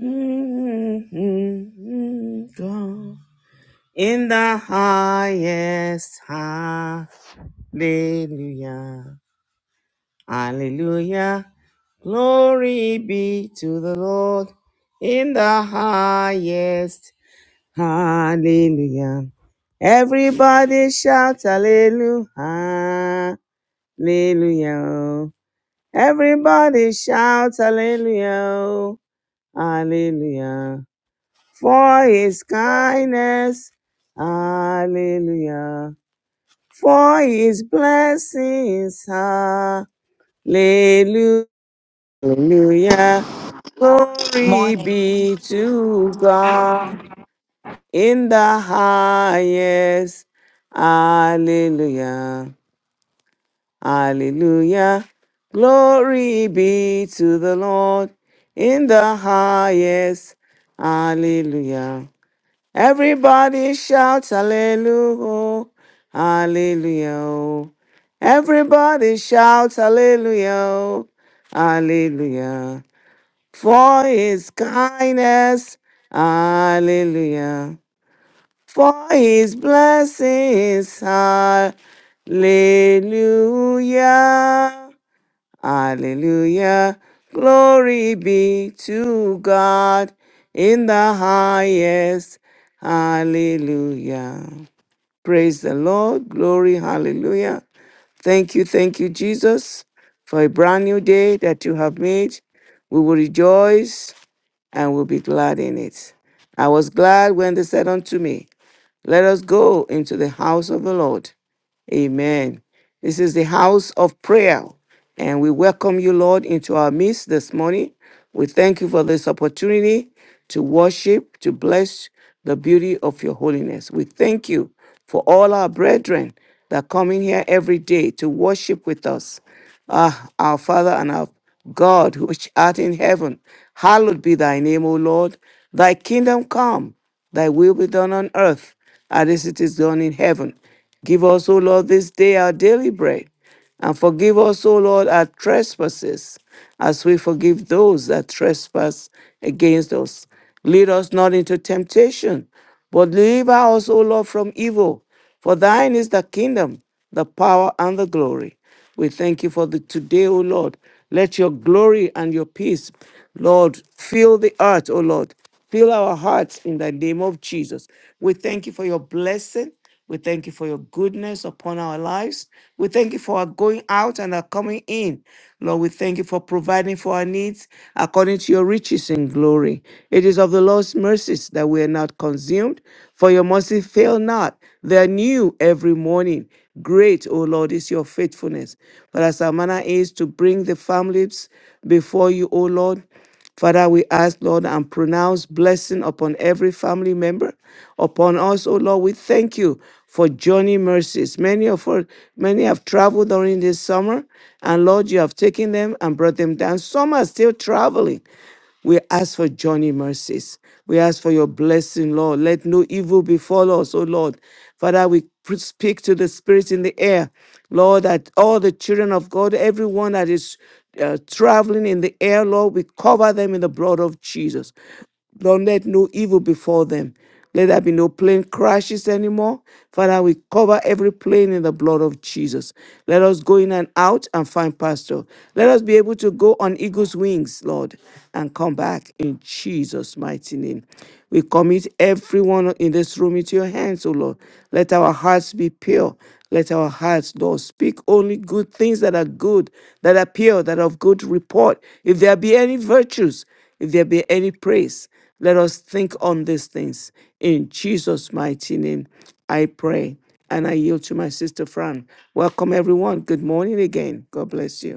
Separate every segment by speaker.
Speaker 1: Mm, God. In the highest, hallelujah, hallelujah. Glory be to the Lord in the highest, hallelujah. Everybody shout hallelujah, hallelujah. Everybody shout hallelujah, hallelujah. for his kindness. Hallelujah. For his blessings. Hallelujah. Glory
Speaker 2: Morning.
Speaker 1: be to God in the highest. Hallelujah. Hallelujah. Glory be to the Lord in the highest. Hallelujah. Everybody shout hallelujah, hallelujah. Everybody shout hallelujah, hallelujah. For his kindness, hallelujah. For his blessings, hallelujah. Hallelujah. Glory be to God in the highest. Hallelujah. Praise the Lord. Glory. Hallelujah. Thank you. Thank you, Jesus, for a brand new day that you have made. We will rejoice and will be glad in it. I was glad when they said unto me, Let us go into the house of the Lord. Amen. This is the house of prayer, and we welcome you, Lord, into our midst this morning. We thank you for this opportunity to worship, to bless the beauty of your holiness. We thank you for all our brethren that come in here every day to worship with us. Ah, our Father and our God, which art in heaven, hallowed be thy name, O Lord. Thy kingdom come, thy will be done on earth as it is done in heaven. Give us, O Lord, this day our daily bread. And forgive us, O Lord, our trespasses, as we forgive those that trespass against us. Lead us not into temptation, but deliver us, O Lord, from evil. For thine is the kingdom, the power, and the glory. We thank you for the today, O Lord. Let your glory and your peace, Lord, fill the earth, O Lord. Fill our hearts in the name of Jesus. We thank you for your blessing. We thank you for your goodness upon our lives. We thank you for our going out and our coming in. Lord, we thank you for providing for our needs according to your riches in glory. It is of the Lord's mercies that we are not consumed, for your mercy fail not. They are new every morning. Great, O Lord, is your faithfulness. But as our manner is to bring the families before you, O Lord, Father, we ask, Lord, and pronounce blessing upon every family member, upon us, oh Lord. We thank you for journey mercies. Many of us, many have traveled during this summer, and Lord, you have taken them and brought them down. Some are still traveling. We ask for journey mercies. We ask for your blessing, Lord. Let no evil befall us, O Lord. Father, we pr- speak to the spirits in the air, Lord, that all the children of God, everyone that is uh, traveling in the air, Lord, we cover them in the blood of Jesus. Lord, let no evil befall them. Let there be no plane crashes anymore. Father, we cover every plane in the blood of Jesus. Let us go in and out and find pastor. Let us be able to go on eagle's wings, Lord, and come back in Jesus' mighty name. We commit everyone in this room into your hands, O Lord. Let our hearts be pure. Let our hearts, Lord, speak only good things that are good, that are pure, that are of good report. If there be any virtues, if there be any praise, let us think on these things. In Jesus' mighty name, I pray. And I yield to my sister Fran. Welcome, everyone. Good morning again. God bless you.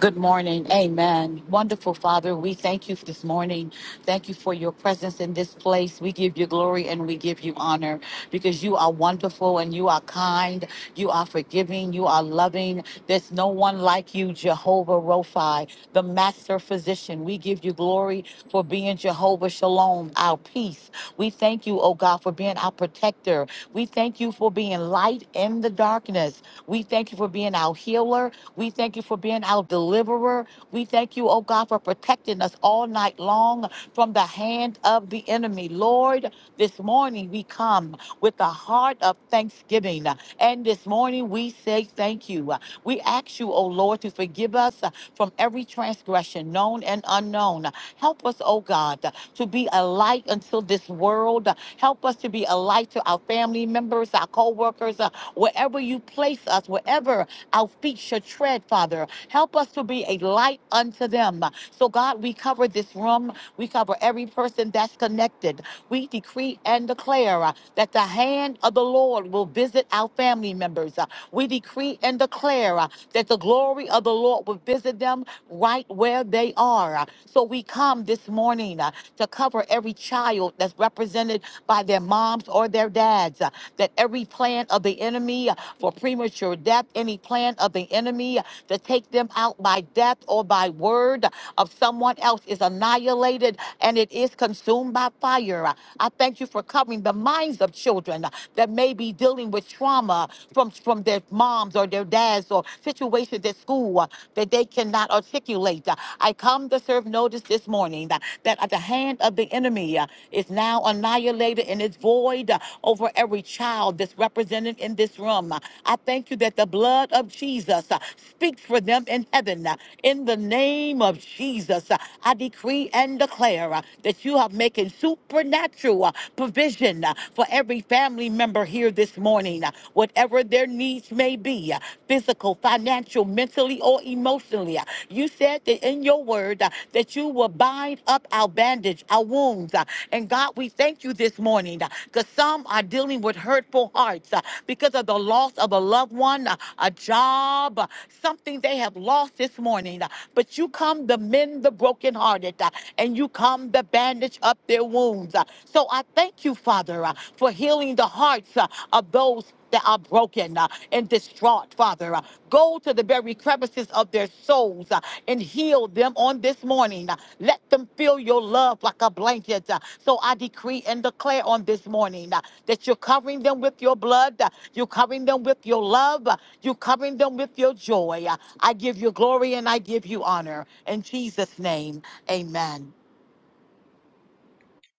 Speaker 2: Good morning. Amen. Wonderful Father, we thank you for this morning. Thank you for your presence in this place. We give you glory and we give you honor because you are wonderful and you are kind. You are forgiving. You are loving. There's no one like you, Jehovah Rophi, the master physician. physician. We give you glory for being Jehovah Shalom, our peace. We thank you, oh God, for being our protector. We thank you for being light in the darkness. We thank you for being our healer. We thank you for being our deliverer. We thank you, oh God, for protecting us all night long from the hand of the enemy. Lord, this morning we come with a heart of thanksgiving. And this morning we say thank you. We ask you, O Lord, to forgive us uh, from every transgression, known and unknown. Help us, O God, uh, to be a light until this world. Help us to be a light to our family members, our co workers, wherever you place us, wherever our feet should tread, Father. Help us to be a light unto them. So, God, we cover this room. We cover every person that's connected. We decree and declare uh, that the hand of the Lord will visit our family members. Uh, We decree and declare uh, that the glory of the Lord will visit them right where they are. Uh, So, we come this morning uh, to cover every child that's represented by their moms or their dads, uh, that every plan of the enemy uh, for premature death, any plan of the enemy to take them out by death or by word of someone else is annihilated and it is consumed by fire. I thank you for covering the minds of children that may be dealing with trauma from, from their moms or their dads or situations at school that they cannot articulate. I come to serve notice this morning that at the hand of the enemy uh, is now annihilated and is void uh, over every child that's represented in this room. Uh, I thank you that the blood of Jesus uh, speaks for them in heaven. Uh, In the name of Jesus, uh, I decree and declare uh, that you are making supernatural uh, provision uh, for every family member here this morning, uh, whatever their needs may be uh, physical, financial, mentally or emotionally emotionally. Uh, You said that in your word uh, that you will bind up our bandage, our wounds. uh, And God, we thank you this morning because some are dealing with hurtful hearts uh, because of the loss of a loved one, uh, a job, uh, something they have lost this morning. uh, But you come to mend the brokenhearted uh, and you come to bandage up their wounds. uh. So I thank you, Father, uh, for healing the hearts. uh, uh, of those that are broken uh, and distraught, Father. Uh, Go to the very crevices of their souls uh, and heal them on this morning. Uh, Let them feel your love like a blanket. Uh, So I decree and declare on this morning uh, that you're covering them with your blood, uh, you're covering them with your love, uh, you're covering them with your joy. Uh, I give you glory and I give you honor. In Jesus' name, amen.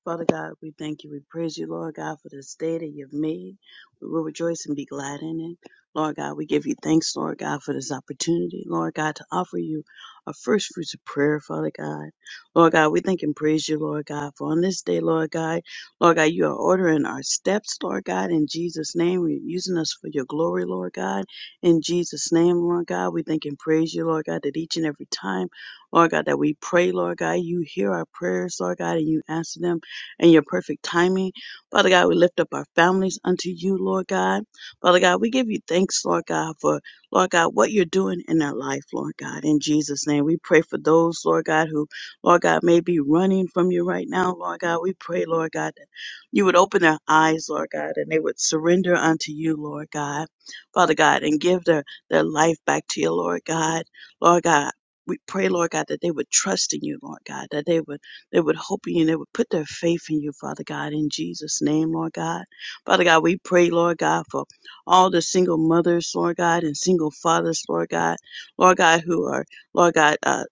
Speaker 3: Father God, we thank you. We praise you, Lord God, for this day that you've made. We will rejoice and be glad in it. Lord God, we give you thanks, Lord God, for this opportunity, Lord God, to offer you our first fruits of prayer, Father God. Lord God, we thank and praise you, Lord God, for on this day, Lord God, Lord God, you are ordering our steps, Lord God, in Jesus' name. You're using us for your glory, Lord God. In Jesus' name, Lord God, we thank and praise you, Lord God, that each and every time, Lord God, that we pray, Lord God, you hear our prayers, Lord God, and you answer them and your perfect timing. Father God, we lift up our families unto you, Lord God. Father God, we give you thanks, Lord God, for, Lord God, what you're doing in their life, Lord God. In Jesus' name, we pray for those, Lord God, who, Lord God, may be running from you right now, Lord God. We pray, Lord God, that you would open their eyes, Lord God, and they would surrender unto you, Lord God. Father God, and give their, their life back to you, Lord God. Lord God, we pray, Lord God, that they would trust in you, Lord God, that they would they would hope in you they would put their faith in you, Father God, in Jesus' name, Lord God. Father God, we pray, Lord God, for all the single mothers, Lord God, and single fathers, Lord God, Lord God, who are, Lord God, uh,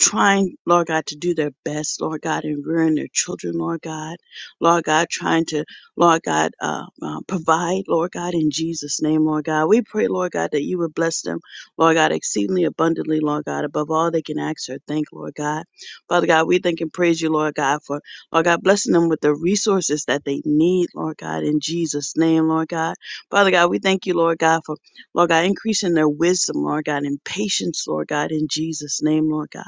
Speaker 3: trying, Lord God, to do their best, Lord God, in rearing their children, Lord God, Lord God, trying to, Lord God, uh, uh, provide, Lord God, in Jesus' name, Lord God. We pray, Lord God, that you would bless them, Lord God, exceedingly abundantly, Lord God, above all they can ask or think, Lord God. Father God, we thank and praise you, Lord God, for, Lord God, blessing them with the resources that they need, Lord God, in Jesus' name, Lord God. Father God, we thank you, Lord God, for, Lord God, increasing their wisdom, Lord God, and patience, Lord God, in Jesus' name, Lord God.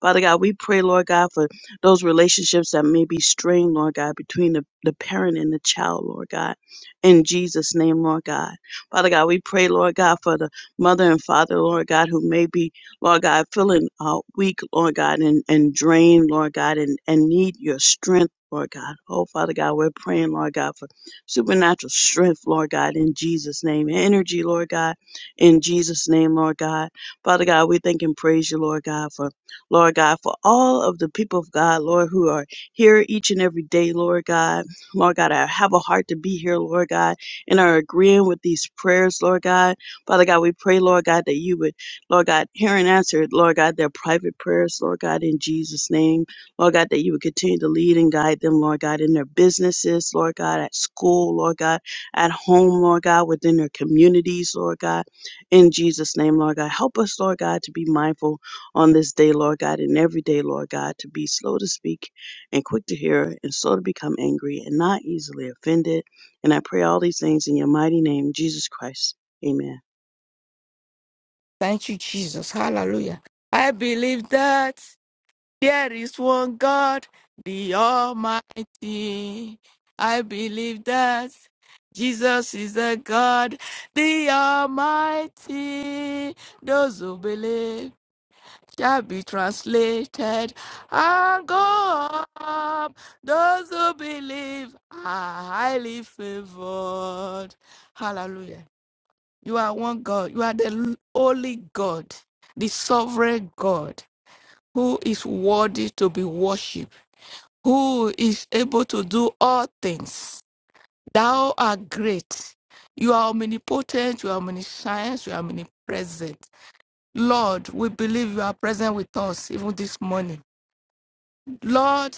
Speaker 3: Father God, we pray, Lord God, for those relationships that may be strained, Lord God, between the, the parent and the child, Lord God, in Jesus' name, Lord God. Father God, we pray, Lord God, for the mother and father, Lord God, who may be Lord God, feeling uh, weak, Lord God, and, and drained, Lord God, and, and need your strength, Lord God. Oh, Father God, we're praying, Lord God, for supernatural strength, Lord God, in Jesus' name. Energy, Lord God, in Jesus' name, Lord God. Father God, we thank and praise you, Lord God, for, Lord God, for all of the people of God, Lord, who are here each and every day, Lord God. Lord God, I have a heart to be here, Lord God, and are agreeing with these prayers, Lord God. Father God, we pray, Lord God, that you would Lord God, hear and answer, Lord God, their private prayers, Lord God, in Jesus' name. Lord God, that you would continue to lead and guide them, Lord God, in their businesses, Lord God, at school, Lord God, at home, Lord God, within their communities, Lord God, in Jesus' name, Lord God. Help us, Lord God, to be mindful on this day, Lord God, and every day, Lord God, to be slow to speak and quick to hear and slow to become angry and not easily offended. And I pray all these things in your mighty name, Jesus Christ. Amen.
Speaker 4: Thank you, Jesus. Hallelujah. I believe that there is one God, the Almighty. I believe that Jesus is the God, the Almighty. Those who believe shall be translated and go up. Those who believe are highly favored. Hallelujah. You are one God. You are the l- only God, the sovereign God, who is worthy to be worshipped, who is able to do all things. Thou art great. You are omnipotent, you are omniscient, you are omnipresent. Lord, we believe you are present with us even this morning. Lord,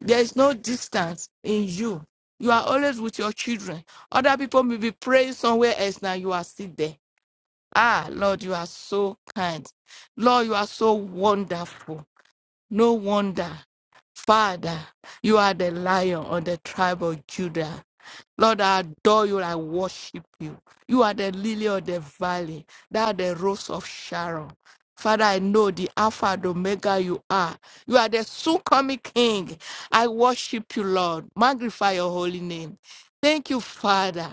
Speaker 4: there is no distance in you. You are always with your children. Other people may be praying somewhere else now, you are still there. Ah, Lord, you are so kind. Lord, you are so wonderful. No wonder. Father, you are the lion of the tribe of Judah. Lord, I adore you. I worship you. You are the lily of the valley. Thou the rose of Sharon. Father, I know the Alpha and Omega you are. You are the soon coming King. I worship you, Lord. Magnify your holy name. Thank you, Father,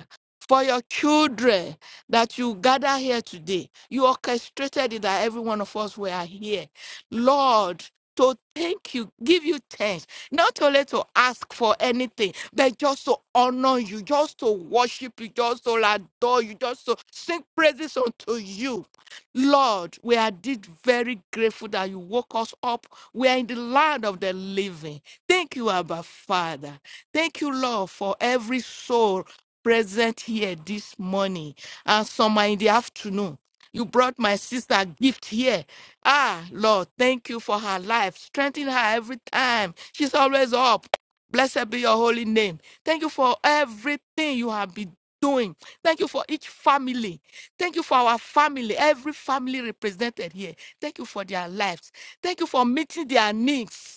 Speaker 4: for your children that you gather here today. You orchestrated it that every one of us were here. Lord, to thank you, give you thanks not only to ask for anything, but just to honor you, just to worship you, just to adore you, just to sing praises unto you. Lord, we are indeed very grateful that you woke us up. We are in the land of the living. Thank you, Abba Father. Thank you, Lord, for every soul present here this morning. And some are in the afternoon. You brought my sister a gift here. Ah, Lord, thank you for her life. Strengthen her every time. She's always up. Blessed be your holy name. Thank you for everything you have been doing. Thank you for each family. Thank you for our family, every family represented here. Thank you for their lives. Thank you for meeting their needs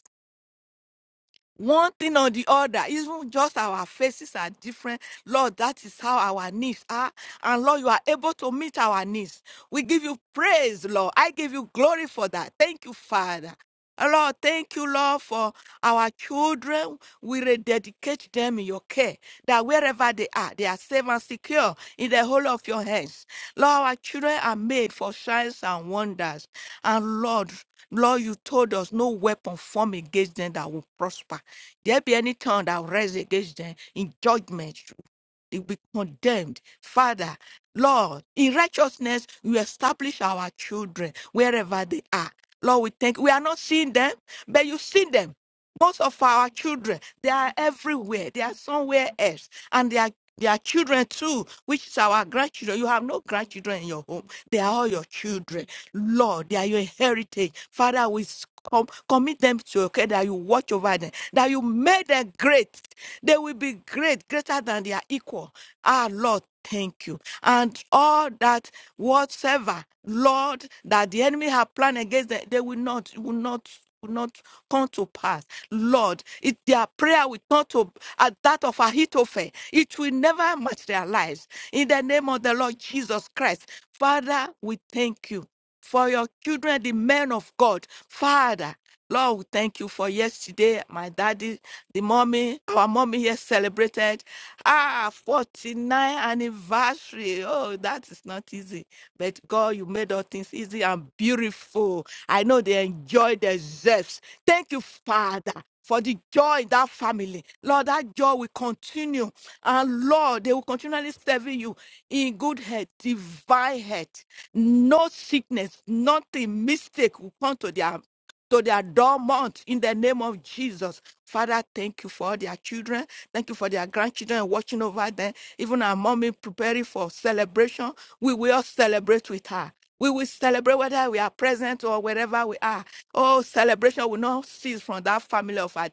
Speaker 4: one thing or the other. Even just our faces are different. Lord, that is how our needs are. And Lord, you are able to meet our needs. We give you praise, Lord. I give you glory for that. Thank you, Father. Uh, Lord, thank you, Lord, for our children. We rededicate them in your care, that wherever they are, they are safe and secure in the whole of your hands. Lord, our children are made for signs and wonders. And Lord, Lord, you told us no weapon formed against them that will prosper. There be any tongue that will rise against them in judgment they will be condemned. Father, Lord, in righteousness, you establish our children wherever they are. Lord, we thank we are not seeing them, but you see them. Most of our children, they are everywhere. They are somewhere else. And they are their children too, which is our grandchildren. You have no grandchildren in your home. They are all your children. Lord, they are your heritage. Father, we s- com- commit them to you that you watch over them, that you made them great. They will be great, greater than their equal. Our Lord, thank you. And all that whatsoever, Lord, that the enemy have planned against them, they will not, will not, will not come to pass. Lord, it, their prayer will turn to at that of Ahithophel. It will never match their lives. In the name of the Lord Jesus Christ, Father, we thank you for your children, the men of God. Father, Lord, we thank you for yesterday. My daddy, the mommy, our mommy here celebrated ah 49 anniversary. Oh, that is not easy. But God, you made all things easy and beautiful. I know they enjoy their zest. Thank you, Father. For the joy in that family. Lord, that joy will continue. And Lord, they will continually serve you in good health, divine health. No sickness, nothing, mistake will come to their to their dormant in the name of Jesus. Father, thank you for their children. Thank you for their grandchildren watching over them. Even our mommy preparing for celebration. We will celebrate with her. We will celebrate whether we are present or wherever we are. Oh, celebration will not cease from that family of, our-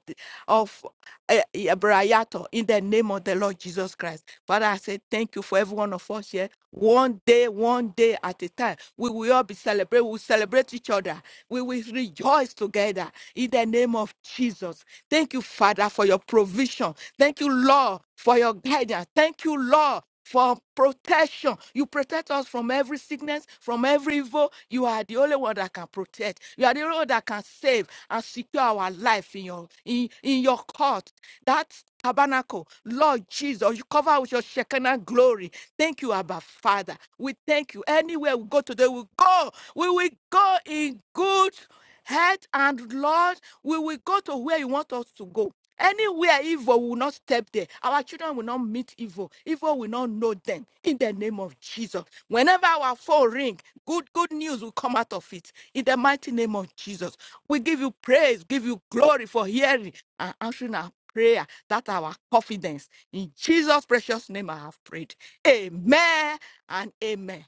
Speaker 4: of eh, eh, Brayato in the name of the Lord Jesus Christ. Father, I say thank you for every one of us here. One day, one day at a time, we will all be celebrated. We will celebrate each other. We will rejoice together in the name of Jesus. Thank you, Father, for your provision. Thank you, Lord, for your guidance. Thank you, Lord, for protection. You protect us from every sickness, from every evil. You are the only one that can protect. You are the only one that can save and secure our life in your in, in your court. That tabernacle, Lord Jesus, you cover with your Shekinah glory. Thank you, Abba Father. We thank you. Anywhere we go today, we go. We will go in good head and Lord, we will go to where you want us to go. Anywhere evil will not step there. Our children will not meet evil. Evil will not know them. In the name of Jesus. Whenever our phone ring, good good news will come out of it. In the mighty name of Jesus. We give you praise, give you glory for hearing and answering our prayer. That's our confidence. In Jesus' precious name I have prayed. Amen and amen.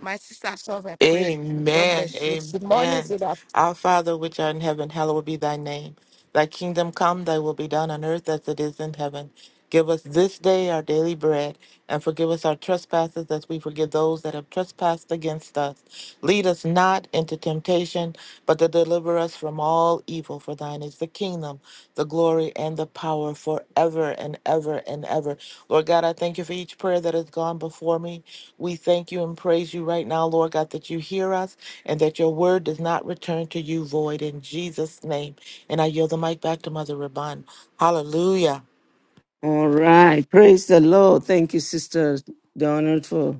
Speaker 4: My sister, so I pray. God
Speaker 5: Amen.
Speaker 4: bless you. Good morning,
Speaker 5: Amen.
Speaker 4: Sister.
Speaker 5: Our Father, which art in heaven, hallowed be thy name. Thy kingdom come, thy will be done on earth as it is in heaven. Give us this day our daily bread, and forgive us our trespasses as we forgive those that have trespassed against us. Lead us not into temptation, but to deliver us from all evil. For thine is the kingdom, the glory, and the power forever and ever and ever. Lord God, I thank you for each prayer that has gone before me. We thank you and praise you right now, Lord God, that you hear us and that your word does not return to you void in Jesus' name. And I yield the mic back to Mother Rabban. Hallelujah.
Speaker 1: All right. Praise the Lord. Thank you, Sister Donald, for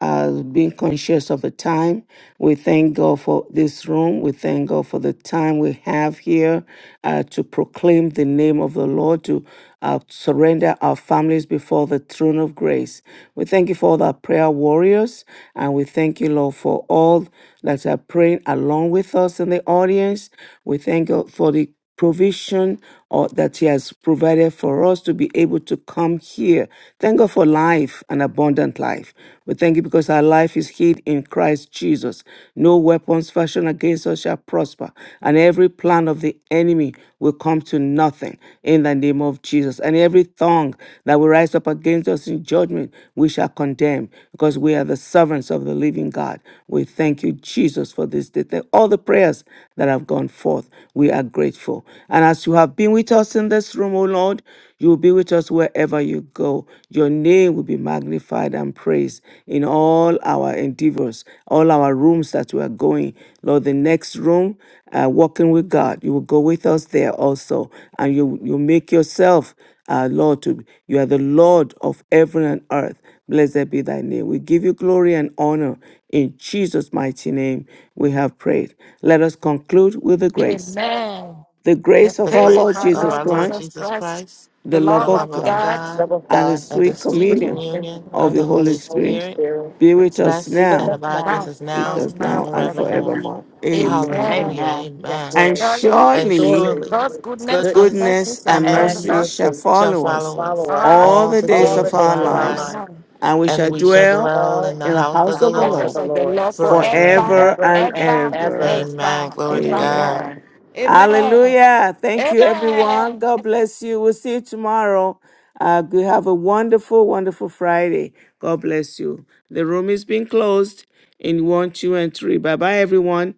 Speaker 1: uh, being conscious of the time. We thank God for this room. We thank God for the time we have here uh, to proclaim the name of the Lord, to uh, surrender our families before the throne of grace. We thank you for all our prayer warriors, and we thank you, Lord, for all that are praying along with us in the audience. We thank God for the provision or that he has provided for us to be able to come here. Thank God for life, an abundant life. We thank you because our life is hid in Christ Jesus. No weapons fashioned against us shall prosper, and every plan of the enemy will come to nothing in the name of Jesus. And every tongue that will rise up against us in judgment, we shall condemn because we are the servants of the living God. We thank you, Jesus, for this day. All the prayers that have gone forth, we are grateful. And as you have been with us in this room, O Lord, you will be with us wherever you go. Your name will be magnified and praised in all our endeavors, all our rooms that we are going. Lord, the next room, uh, walking with God, you will go with us there also. And you, you make yourself, uh, Lord, to, you are the Lord of heaven and earth. Blessed be thy name. We give you glory and honor. In Jesus' mighty name, we have prayed. Let us conclude with the grace
Speaker 4: Amen.
Speaker 1: the
Speaker 4: The
Speaker 1: grace
Speaker 5: The
Speaker 1: of our
Speaker 4: grace of
Speaker 1: Lord
Speaker 5: grace
Speaker 4: our
Speaker 5: of
Speaker 1: Jesus
Speaker 4: Lord
Speaker 5: our Lord
Speaker 1: Christ,
Speaker 4: Jesus
Speaker 5: Jesus
Speaker 4: Christ,
Speaker 5: Christ,
Speaker 1: the
Speaker 4: the
Speaker 1: love
Speaker 5: the
Speaker 4: love
Speaker 1: of
Speaker 5: love
Speaker 4: of
Speaker 5: of
Speaker 1: God,
Speaker 4: God,
Speaker 5: God,
Speaker 2: Love of
Speaker 1: and the
Speaker 2: God,
Speaker 5: and
Speaker 4: and
Speaker 5: the
Speaker 4: the
Speaker 1: sweet
Speaker 5: sweet
Speaker 2: breathe
Speaker 4: sin
Speaker 1: communion
Speaker 2: on us,
Speaker 5: communion
Speaker 4: of the
Speaker 1: of
Speaker 5: of
Speaker 1: the
Speaker 5: the
Speaker 4: Holy
Speaker 1: Holy
Speaker 5: Holy
Speaker 2: Holy
Speaker 1: Spirit
Speaker 5: Spirit
Speaker 2: Spirit,
Speaker 1: be with
Speaker 4: Spirit,
Speaker 1: us
Speaker 2: be
Speaker 5: rest
Speaker 2: with
Speaker 5: and
Speaker 1: now,
Speaker 2: us
Speaker 5: abide
Speaker 4: now
Speaker 2: now
Speaker 5: with us
Speaker 4: with
Speaker 1: with
Speaker 4: us
Speaker 5: now
Speaker 1: us
Speaker 5: and
Speaker 4: now
Speaker 1: now and
Speaker 4: forever.
Speaker 5: forevermore.
Speaker 1: forevermore. Amen.
Speaker 4: Amen.
Speaker 5: Hallelujah.
Speaker 2: Amen. Yes,
Speaker 5: Amen.
Speaker 1: And
Speaker 2: Lord.
Speaker 4: Surely
Speaker 5: and
Speaker 1: surely
Speaker 2: Surely
Speaker 5: surely
Speaker 4: God's goodness and
Speaker 2: goodness
Speaker 5: goodness
Speaker 4: mercy
Speaker 1: goodness
Speaker 4: shall
Speaker 5: and
Speaker 1: and
Speaker 4: follow
Speaker 2: and
Speaker 5: mercy
Speaker 1: mercy
Speaker 4: us
Speaker 1: shall
Speaker 2: mercy
Speaker 5: shall
Speaker 1: follow us
Speaker 5: follow us
Speaker 2: follow us
Speaker 4: all
Speaker 1: all
Speaker 4: the
Speaker 5: all
Speaker 1: the
Speaker 5: the
Speaker 1: days
Speaker 2: all
Speaker 5: days
Speaker 2: the
Speaker 1: of
Speaker 4: days
Speaker 5: of
Speaker 1: our
Speaker 2: days
Speaker 5: our
Speaker 2: of
Speaker 4: of
Speaker 2: our
Speaker 4: our
Speaker 5: life,
Speaker 1: lives,
Speaker 2: life.
Speaker 4: life.
Speaker 1: and we
Speaker 5: and
Speaker 1: shall
Speaker 5: we shall
Speaker 1: dwell
Speaker 5: dwell
Speaker 2: Well,
Speaker 5: in the
Speaker 1: in the
Speaker 4: And
Speaker 5: house
Speaker 4: the
Speaker 2: in
Speaker 5: of
Speaker 1: house
Speaker 2: the
Speaker 5: the
Speaker 1: of the
Speaker 2: house
Speaker 5: Lord
Speaker 2: of
Speaker 4: Presence
Speaker 1: Lord
Speaker 2: the
Speaker 4: of the
Speaker 2: Lord,
Speaker 4: Lord
Speaker 5: forever and
Speaker 4: forever,
Speaker 5: ever.
Speaker 1: forever and
Speaker 2: ever and
Speaker 4: ever,
Speaker 1: ever.
Speaker 2: ever.
Speaker 5: Amen.
Speaker 4: ever,
Speaker 5: Glory to
Speaker 1: Amen.
Speaker 4: evermore.
Speaker 5: God.
Speaker 2: Amen.
Speaker 4: Amen.
Speaker 1: Hallelujah. Thank you,
Speaker 4: Amen.
Speaker 1: everyone. God bless you. We'll see you tomorrow. Uh, we have a wonderful, wonderful Friday. God bless you. The room is being closed in one, two, and three. Bye bye, everyone.